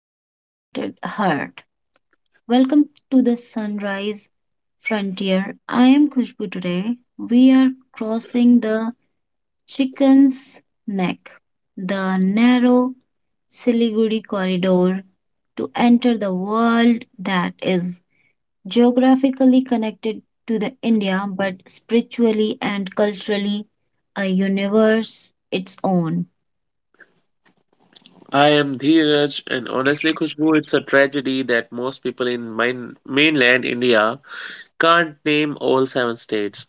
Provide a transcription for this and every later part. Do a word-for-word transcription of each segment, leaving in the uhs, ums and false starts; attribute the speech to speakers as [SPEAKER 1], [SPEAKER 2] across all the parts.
[SPEAKER 1] Uncharted Heart. Welcome to the Sunrise Frontier. I am Khushbu today. We are crossing the Chicken's Neck, the narrow Siliguri corridor, to enter the world that is geographically connected to the India but spiritually and culturally a universe its own.
[SPEAKER 2] I am Dheeraj, and honestly, Khushbu, it's a tragedy that most people in main, mainland India can't name all seven states,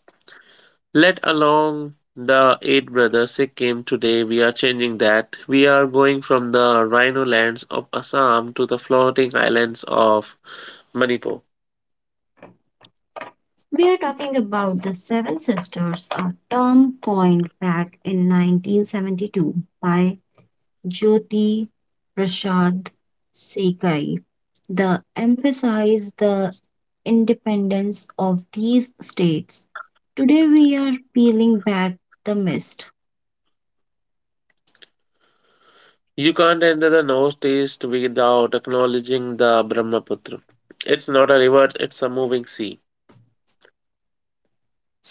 [SPEAKER 2] let alone the eight brothers Sikkim. Today, we are changing that. We are going from the rhino lands of Assam to the floating islands of Manipur.
[SPEAKER 1] We are talking about the Seven Sisters, a term coined back in nineteen seventy-two by Jyoti Prasad Sekai. The emphasize the independence of these states. Today we are peeling back the mist,
[SPEAKER 2] You can't enter the northeast without acknowledging the Brahmaputra. It's not a river, it's a moving sea.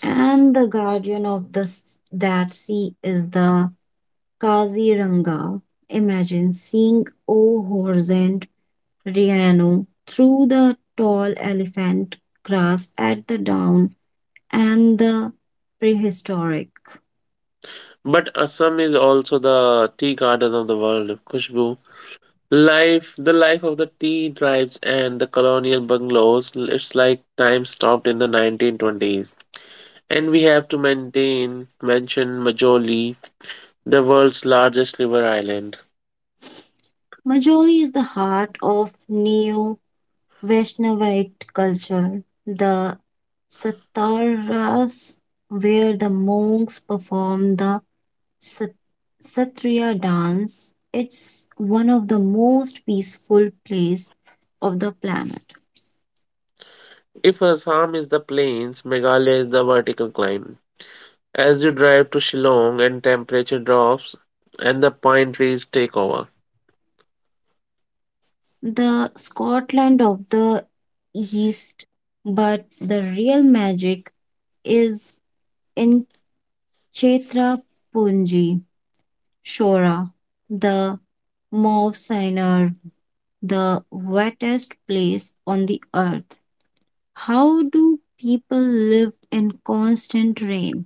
[SPEAKER 1] and the guardian of the s- that sea is the Kaziranga. Imagine seeing O Riano through the tall elephant grass at the down and the prehistoric.
[SPEAKER 2] But Assam is also the tea garden of the world, Khushbu. Life, the life of the tea tribes and the colonial bungalows, it's like time stopped in the nineteen twenties. And we have to maintain, mention Majoli, the world's largest river island.
[SPEAKER 1] Majoli is the heart of Neo Vaishnavite culture. The Sataras, where the monks perform the Sat- Satriya dance, it's one of the most peaceful place of the planet.
[SPEAKER 2] If Assam is the plains, Meghalaya is the vertical climb. As you drive to Shillong and temperature drops and the pine trees take over,
[SPEAKER 1] The Scotland of the East, but the real magic is in Chetra Punji, Shora, the Mauve Sinai, the wettest place on the earth. How do people live in constant rain?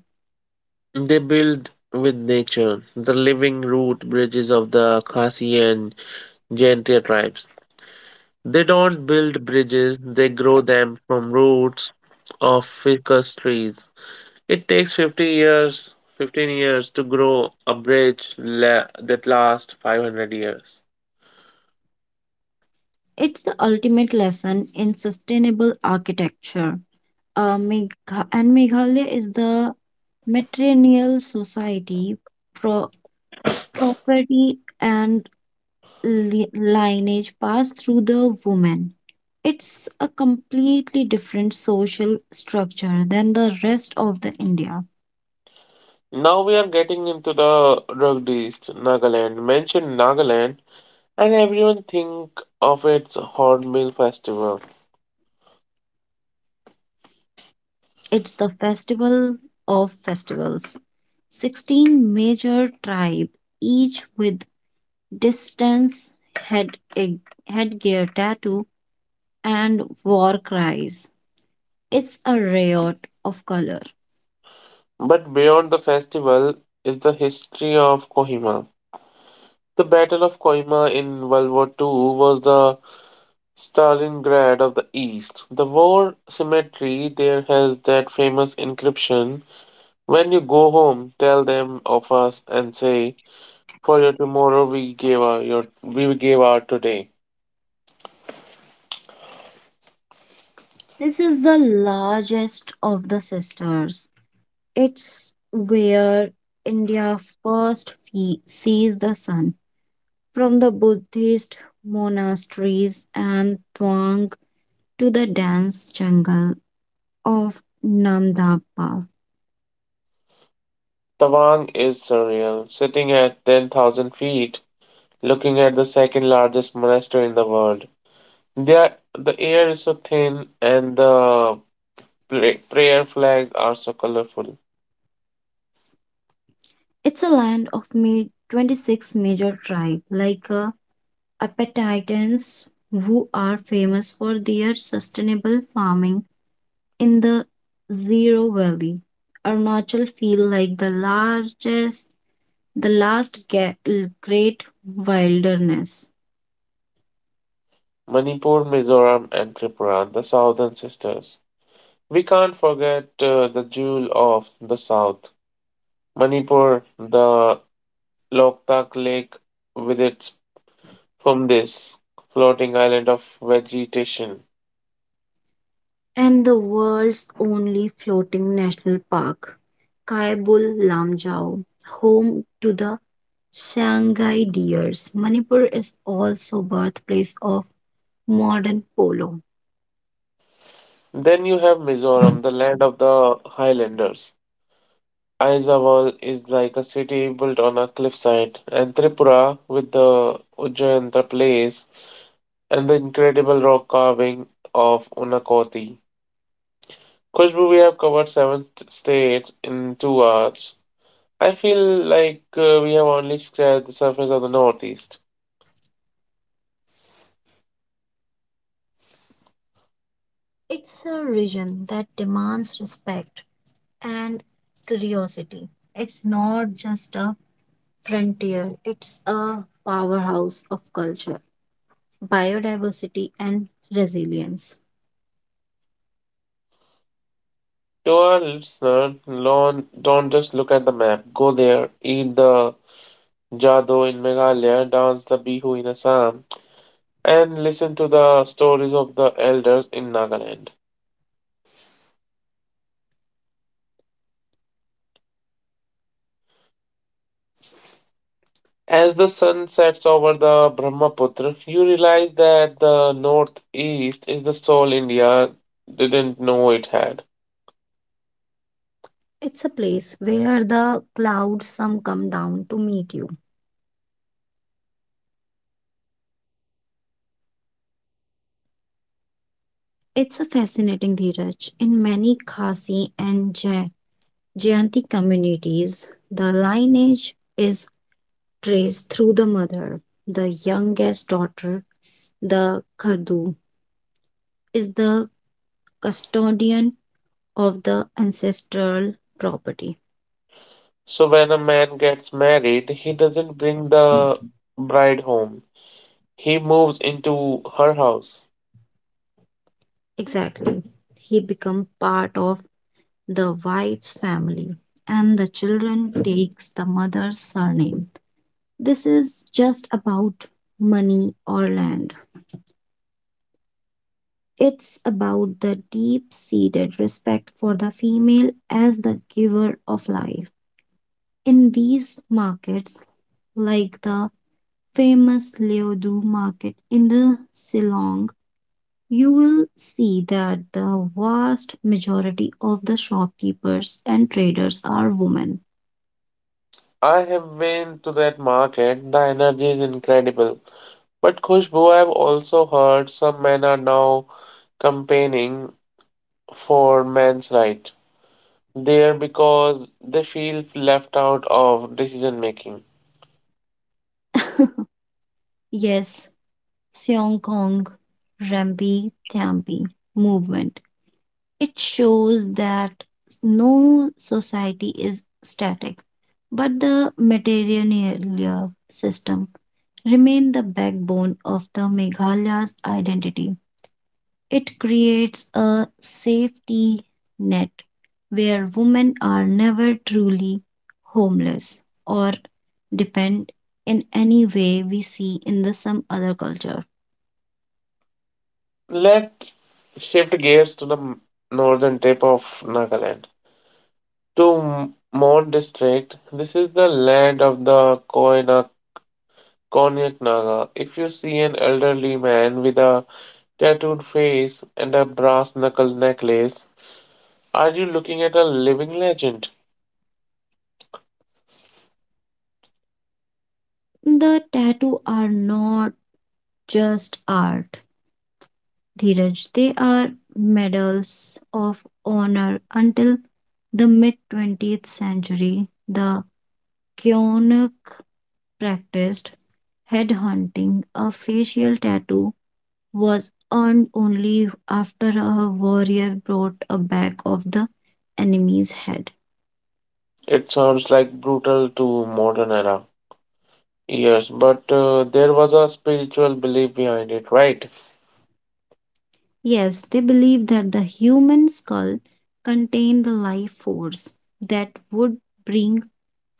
[SPEAKER 2] they build with nature, the living root bridges of the Khasi and Jaintia tribes. They don't build bridges, they grow them from roots of ficus trees. It takes fifty years, fifteen years to grow a bridge la- that lasts five hundred years.
[SPEAKER 1] It's the ultimate lesson in sustainable architecture. Uh, Megha- and Meghalaya is the matrilineal society pro- property and li- lineage pass through the woman. It's a completely different social structure than the rest of the India.
[SPEAKER 2] Now we are getting into the rugged East, Nagaland. Mention Nagaland and everyone think of its Hornbill Festival.
[SPEAKER 1] It's the festival of festivals. sixteen major tribe, each with distance, head, eh, headgear tattoo, and war cries. It's a riot of color.
[SPEAKER 2] But beyond the festival is the history of Kohima. The Battle of Kohima in World War two was the Stalingrad of the East. The war cemetery there has that famous inscription: "When you go home, tell them of us and say, for your tomorrow we gave our your we gave our today."
[SPEAKER 1] This is the largest of the sisters. It's where India first fe- sees the sun, from the Buddhist monasteries and Thuang to the dense jungle of Namdapa.
[SPEAKER 2] Tawang is surreal, sitting at ten thousand feet, looking at the second largest monastery in the world. The, the air is so thin and the pla- prayer flags are so colorful.
[SPEAKER 1] It's a land of ma- twenty-six major tribes like uh, Apatitans who are famous for their sustainable farming in the Zero Valley. Arunachal feel like the largest the last ga- great wilderness,
[SPEAKER 2] Manipur, Mizoram, and Tripura, the southern sisters. We can't forget uh, the jewel of the South, Manipur, the Loktak Lake with its Pumdis, floating island of vegetation.
[SPEAKER 1] and the world's only floating national park, Kaibul Lamjau, home to the Shanghai deers. Manipur is also birthplace of modern polo.
[SPEAKER 2] Then you have Mizoram, the land of the highlanders. Aizawal is like a city built on a cliffside, and Tripura with the Ujjayantra place and the incredible rock carving of Unakoti. Kushbu, we have covered seven states in two hours. I feel like uh, we have only scratched the surface of the Northeast.
[SPEAKER 1] It's a region that demands respect and curiosity. It's not just a frontier, it's a powerhouse of culture, biodiversity, and resilience.
[SPEAKER 2] To our listener, learn, don't just look at the map. Go there, eat the jado in Meghalaya, dance the bihu in Assam, and listen to the stories of the elders in Nagaland. As the sun sets over the Brahmaputra, you realize that the Northeast is the soul India didn't know it had.
[SPEAKER 1] It's a place where the clouds some come down to meet you. It's a fascinating Dheeraj. In many Khasi and Jai- Jayanti communities, the lineage is traced through the mother. The youngest daughter, the Khadu, is the custodian of the ancestral property.
[SPEAKER 2] So when a man gets married, he doesn't bring the bride home. He moves into her house.
[SPEAKER 1] Exactly. He becomes part of the wife's family and the children takes the mother's surname. This is just about money or land. It's about the deep seated respect for the female as the giver of life. In these markets, like the famous Leodu market in the Silong, you will see that the vast majority of the shopkeepers and traders are women.
[SPEAKER 2] I have been to that market. The energy is incredible. But Khushbu, I've also heard some men are now campaigning for men's right there because they feel left out of decision making.
[SPEAKER 1] Yes, Seong Kong Rambi Thambi movement. It shows that no society is static, but the material system remain the backbone of the Meghalaya's identity. It creates a safety net where women are never truly homeless or depend in any way we see in the some other culture.
[SPEAKER 2] Let's shift gears to the northern tip of Nagaland. To M- Mon district, this is the land of the Koina Konyak Naga. If you see an elderly man with a tattooed face and a brass knuckle necklace, are you looking at a living legend?
[SPEAKER 1] The tattoo are not just art. Dheeraj, they are medals of honor until the mid twentieth century. The Kyonak practiced headhunting. A facial tattoo was earned only after a warrior brought a back of the enemy's head.
[SPEAKER 2] It sounds like brutal to modern era. Yes, but uh, there was a spiritual belief behind it, right?
[SPEAKER 1] Yes, they believed that the human skull contained the life force that would bring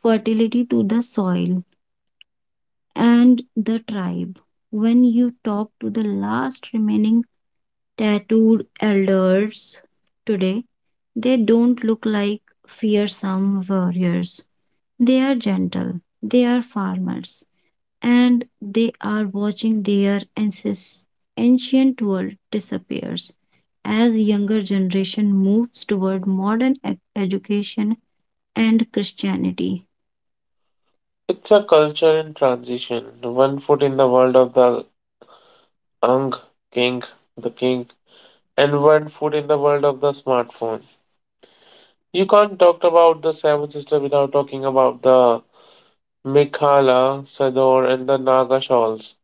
[SPEAKER 1] fertility to the soil and the tribe. When you talk to the last remaining tattooed elders today, they don't look like fearsome warriors. They are gentle, they are farmers, and they are watching their ances- ancient world disappears as younger generation moves toward modern ec- education and Christianity.
[SPEAKER 2] It's a culture in transition. One foot in the world of the Ang King, the King, and one foot in the world of the smartphone. You can't talk about the Seven Sister without talking about the Mikhala, Sador, and the Naga shawls.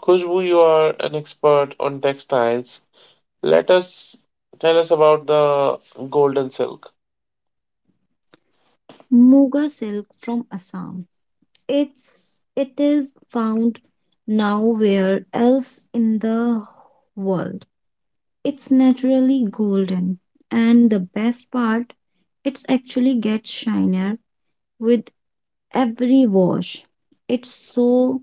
[SPEAKER 2] Khushbu, you are an expert on textiles. Let us Tell us about the golden silk.
[SPEAKER 1] Muga silk from Assam. It's it is found nowhere else in the world. It's naturally golden, and the best part, it's actually gets shinier with every wash. It's so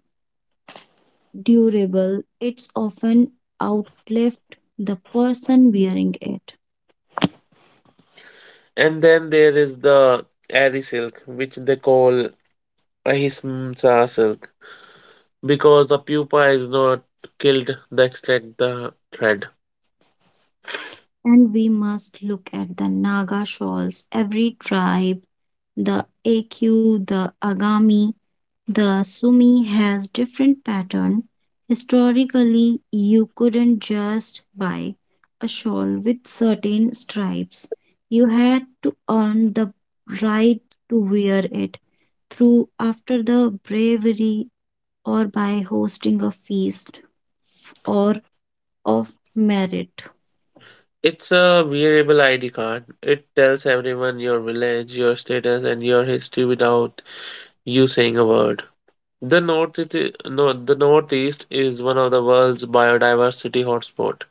[SPEAKER 1] durable. It's often outlived the person wearing it.
[SPEAKER 2] And then there is the Ari silk, which they call Ahismsa silk, because the pupa is not killed they extract the thread.
[SPEAKER 1] And we must look at the Naga shawls. Every tribe, the A Q, the Agami, the Sumi has different pattern. Historically, you couldn't just buy a shawl with certain stripes. You had to earn the right to wear it through after the bravery or by hosting a feast f- or of merit.
[SPEAKER 2] It's a wearable I D card. It tells everyone your village, your status, and your history without you saying a word. The North, no, The Northeast is one of the world's biodiversity hotspot.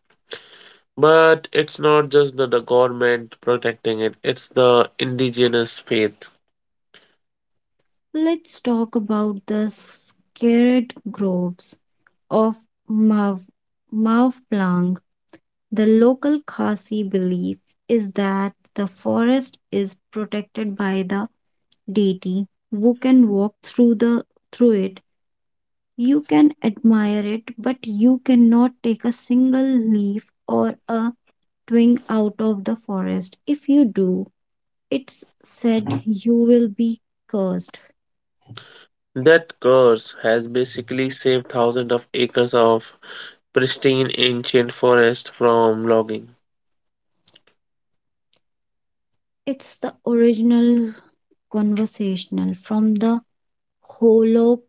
[SPEAKER 2] But it's not just the, the government protecting it, it's the indigenous faith.
[SPEAKER 1] Let's talk about the sacred groves of Mav, Mavplang. The local Khasi belief is that the forest is protected by the deity who can walk through the through it. You can admire it, but you cannot take a single leaf or a twig out of the forest. If you do, it's said you will be cursed.
[SPEAKER 2] That curse has basically saved thousands of acres of pristine ancient forest from logging.
[SPEAKER 1] It's the original conversational from the hollow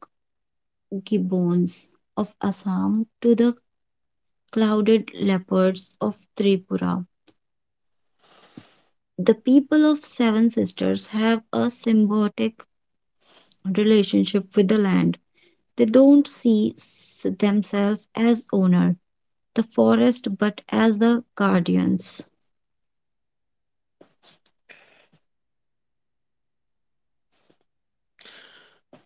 [SPEAKER 1] gibbons of Assam to the clouded leopards of Tripura. The people of Seven Sisters have a symbiotic relationship with the land. They don't see s- themselves as owner, the forest, but as the guardians.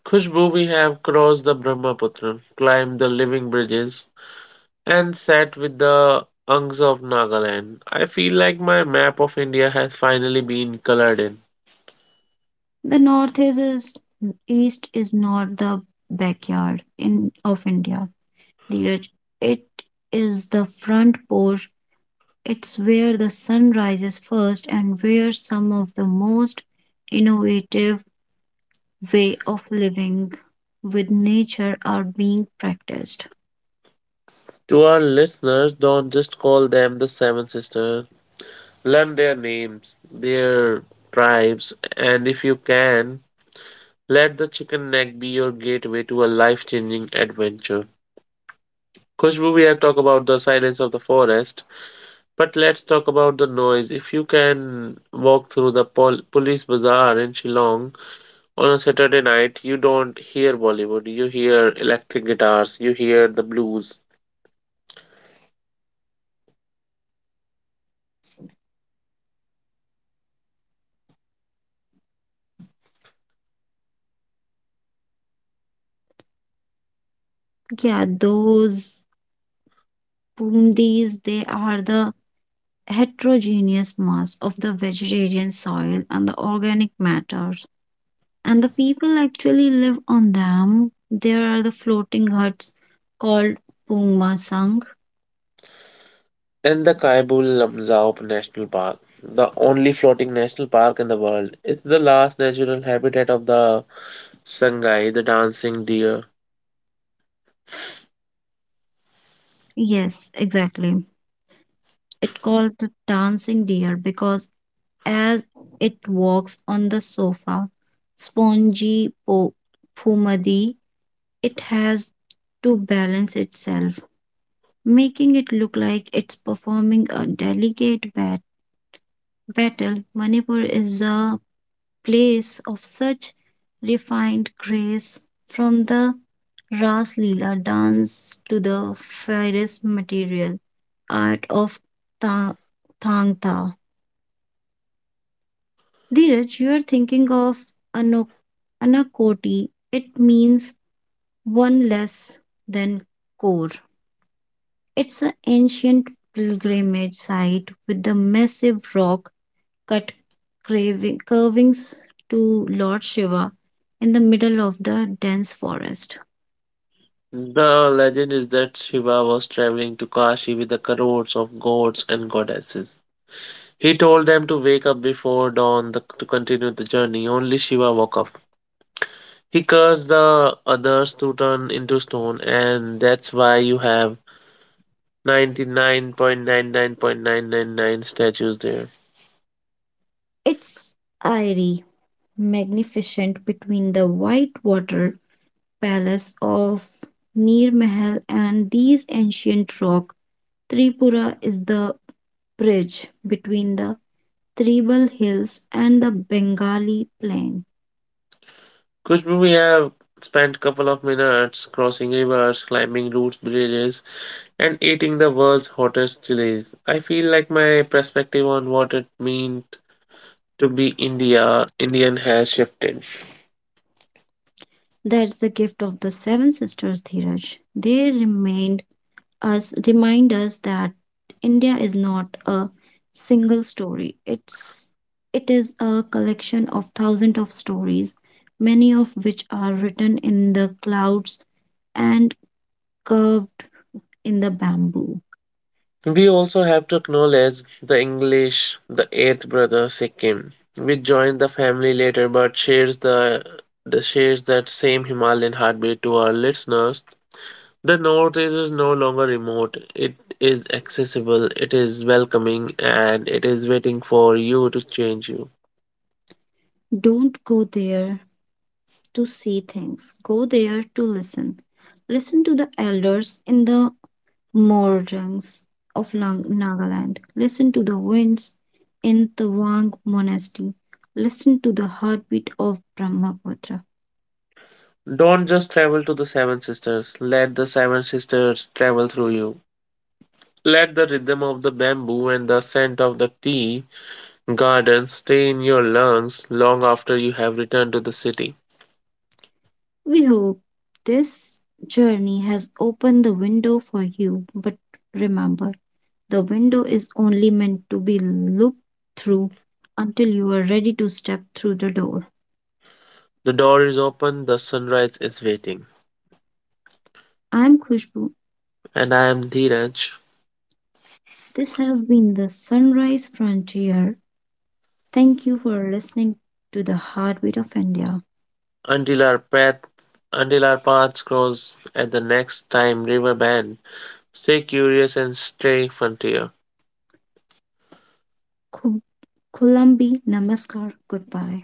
[SPEAKER 2] Khushbu, we have crossed the Brahmaputra, climbed the living bridges, and sat with the Angs of Nagaland. I feel like my map of India has finally been colored in.
[SPEAKER 1] The north is, is east is not the backyard in of India, Dheeraj. It is the front porch. It's where the sun rises first and where some of the most innovative way of living with nature are being practiced.
[SPEAKER 2] To our listeners, don't just call them the Seven Sisters. Learn their names, their tribes, and if you can, let the chicken neck be your gateway to a life changing adventure. Khushbu, we have talked about the silence of the forest, but let's talk about the noise. If you can walk through the pol- police bazaar in Shillong on a Saturday night, you don't hear Bollywood, you hear electric guitars, you hear the blues.
[SPEAKER 1] Yeah, those boom these they are the heterogeneous mass of the vegetarian soil and the organic matters. And the people actually live on them. There are the floating huts called Pungma Sang.
[SPEAKER 2] In the Kaibul Lamzao National Park, the only floating national park in the world, it's the last natural habitat of the Sangai, the dancing deer.
[SPEAKER 1] Yes, exactly. It called the dancing deer because as it walks on the sofa, spongy po- pumadi, it has to balance itself, making it look like it's performing a delicate balance battle, Manipur is a place of such refined grace from the Ras Leela dance to the fairest material art of ta- Thang Tha. Dheeraj, you are thinking of ano- Anakoti. It means one less than core. It's an ancient pilgrimage site with the massive rock cut craving, curvings to Lord Shiva in the middle of the dense forest.
[SPEAKER 2] The legend is that Shiva was traveling to Kashi with the crores of gods and goddesses. He told them to wake up before dawn the, to continue the journey. Only Shiva woke up. He cursed the others to turn into stone, and that's why you have ninety-nine point nine nine point nine nine nine statues there.
[SPEAKER 1] It's airy, magnificent between the white water palace of Nirmahal and these ancient rock. Tripura is the bridge between the Tribal Hills and the Bengali Plain.
[SPEAKER 2] Kushbu, we have spent couple of minutes crossing rivers, climbing root bridges, and eating the world's hottest chilies. I feel like my perspective on what it meant to be India Indian has shifted.
[SPEAKER 1] That's the gift of the Seven Sisters, Dheeraj. They remain us Remind us that India is not a single story. It's it is a collection of thousands of stories, many of which are written in the clouds and curved in the bamboo.
[SPEAKER 2] We also have to acknowledge the English, the eighth brother Sikkim, which joined the family later but shares the the shares that same Himalayan heartbeat to our listeners. The North is no longer remote. It is accessible, it is welcoming, and it is waiting for you to change you.
[SPEAKER 1] Don't go there to see things. Go there to listen. Listen to the elders in the Morjungs of Lang- Nagaland. Listen to the winds in the Wang Monastery. Listen to the heartbeat of Brahmaputra.
[SPEAKER 2] Don't just travel to the Seven Sisters. Let the Seven Sisters travel through you. Let the rhythm of the bamboo and the scent of the tea garden stay in your lungs long after you have returned to the city.
[SPEAKER 1] We hope this journey has opened the window for you, but remember, the window is only meant to be looked through until you are ready to step through the door.
[SPEAKER 2] The door is open, the sunrise is waiting.
[SPEAKER 1] I'm Khushbu.
[SPEAKER 2] And I am Dheeraj.
[SPEAKER 1] This has been the Sunrise Frontier. Thank you for listening to the heartbeat of India.
[SPEAKER 2] Until our path until our paths cross at the next time river bend. Stay curious and stay frontier.
[SPEAKER 1] Khub Khullambi Namaskar. Goodbye.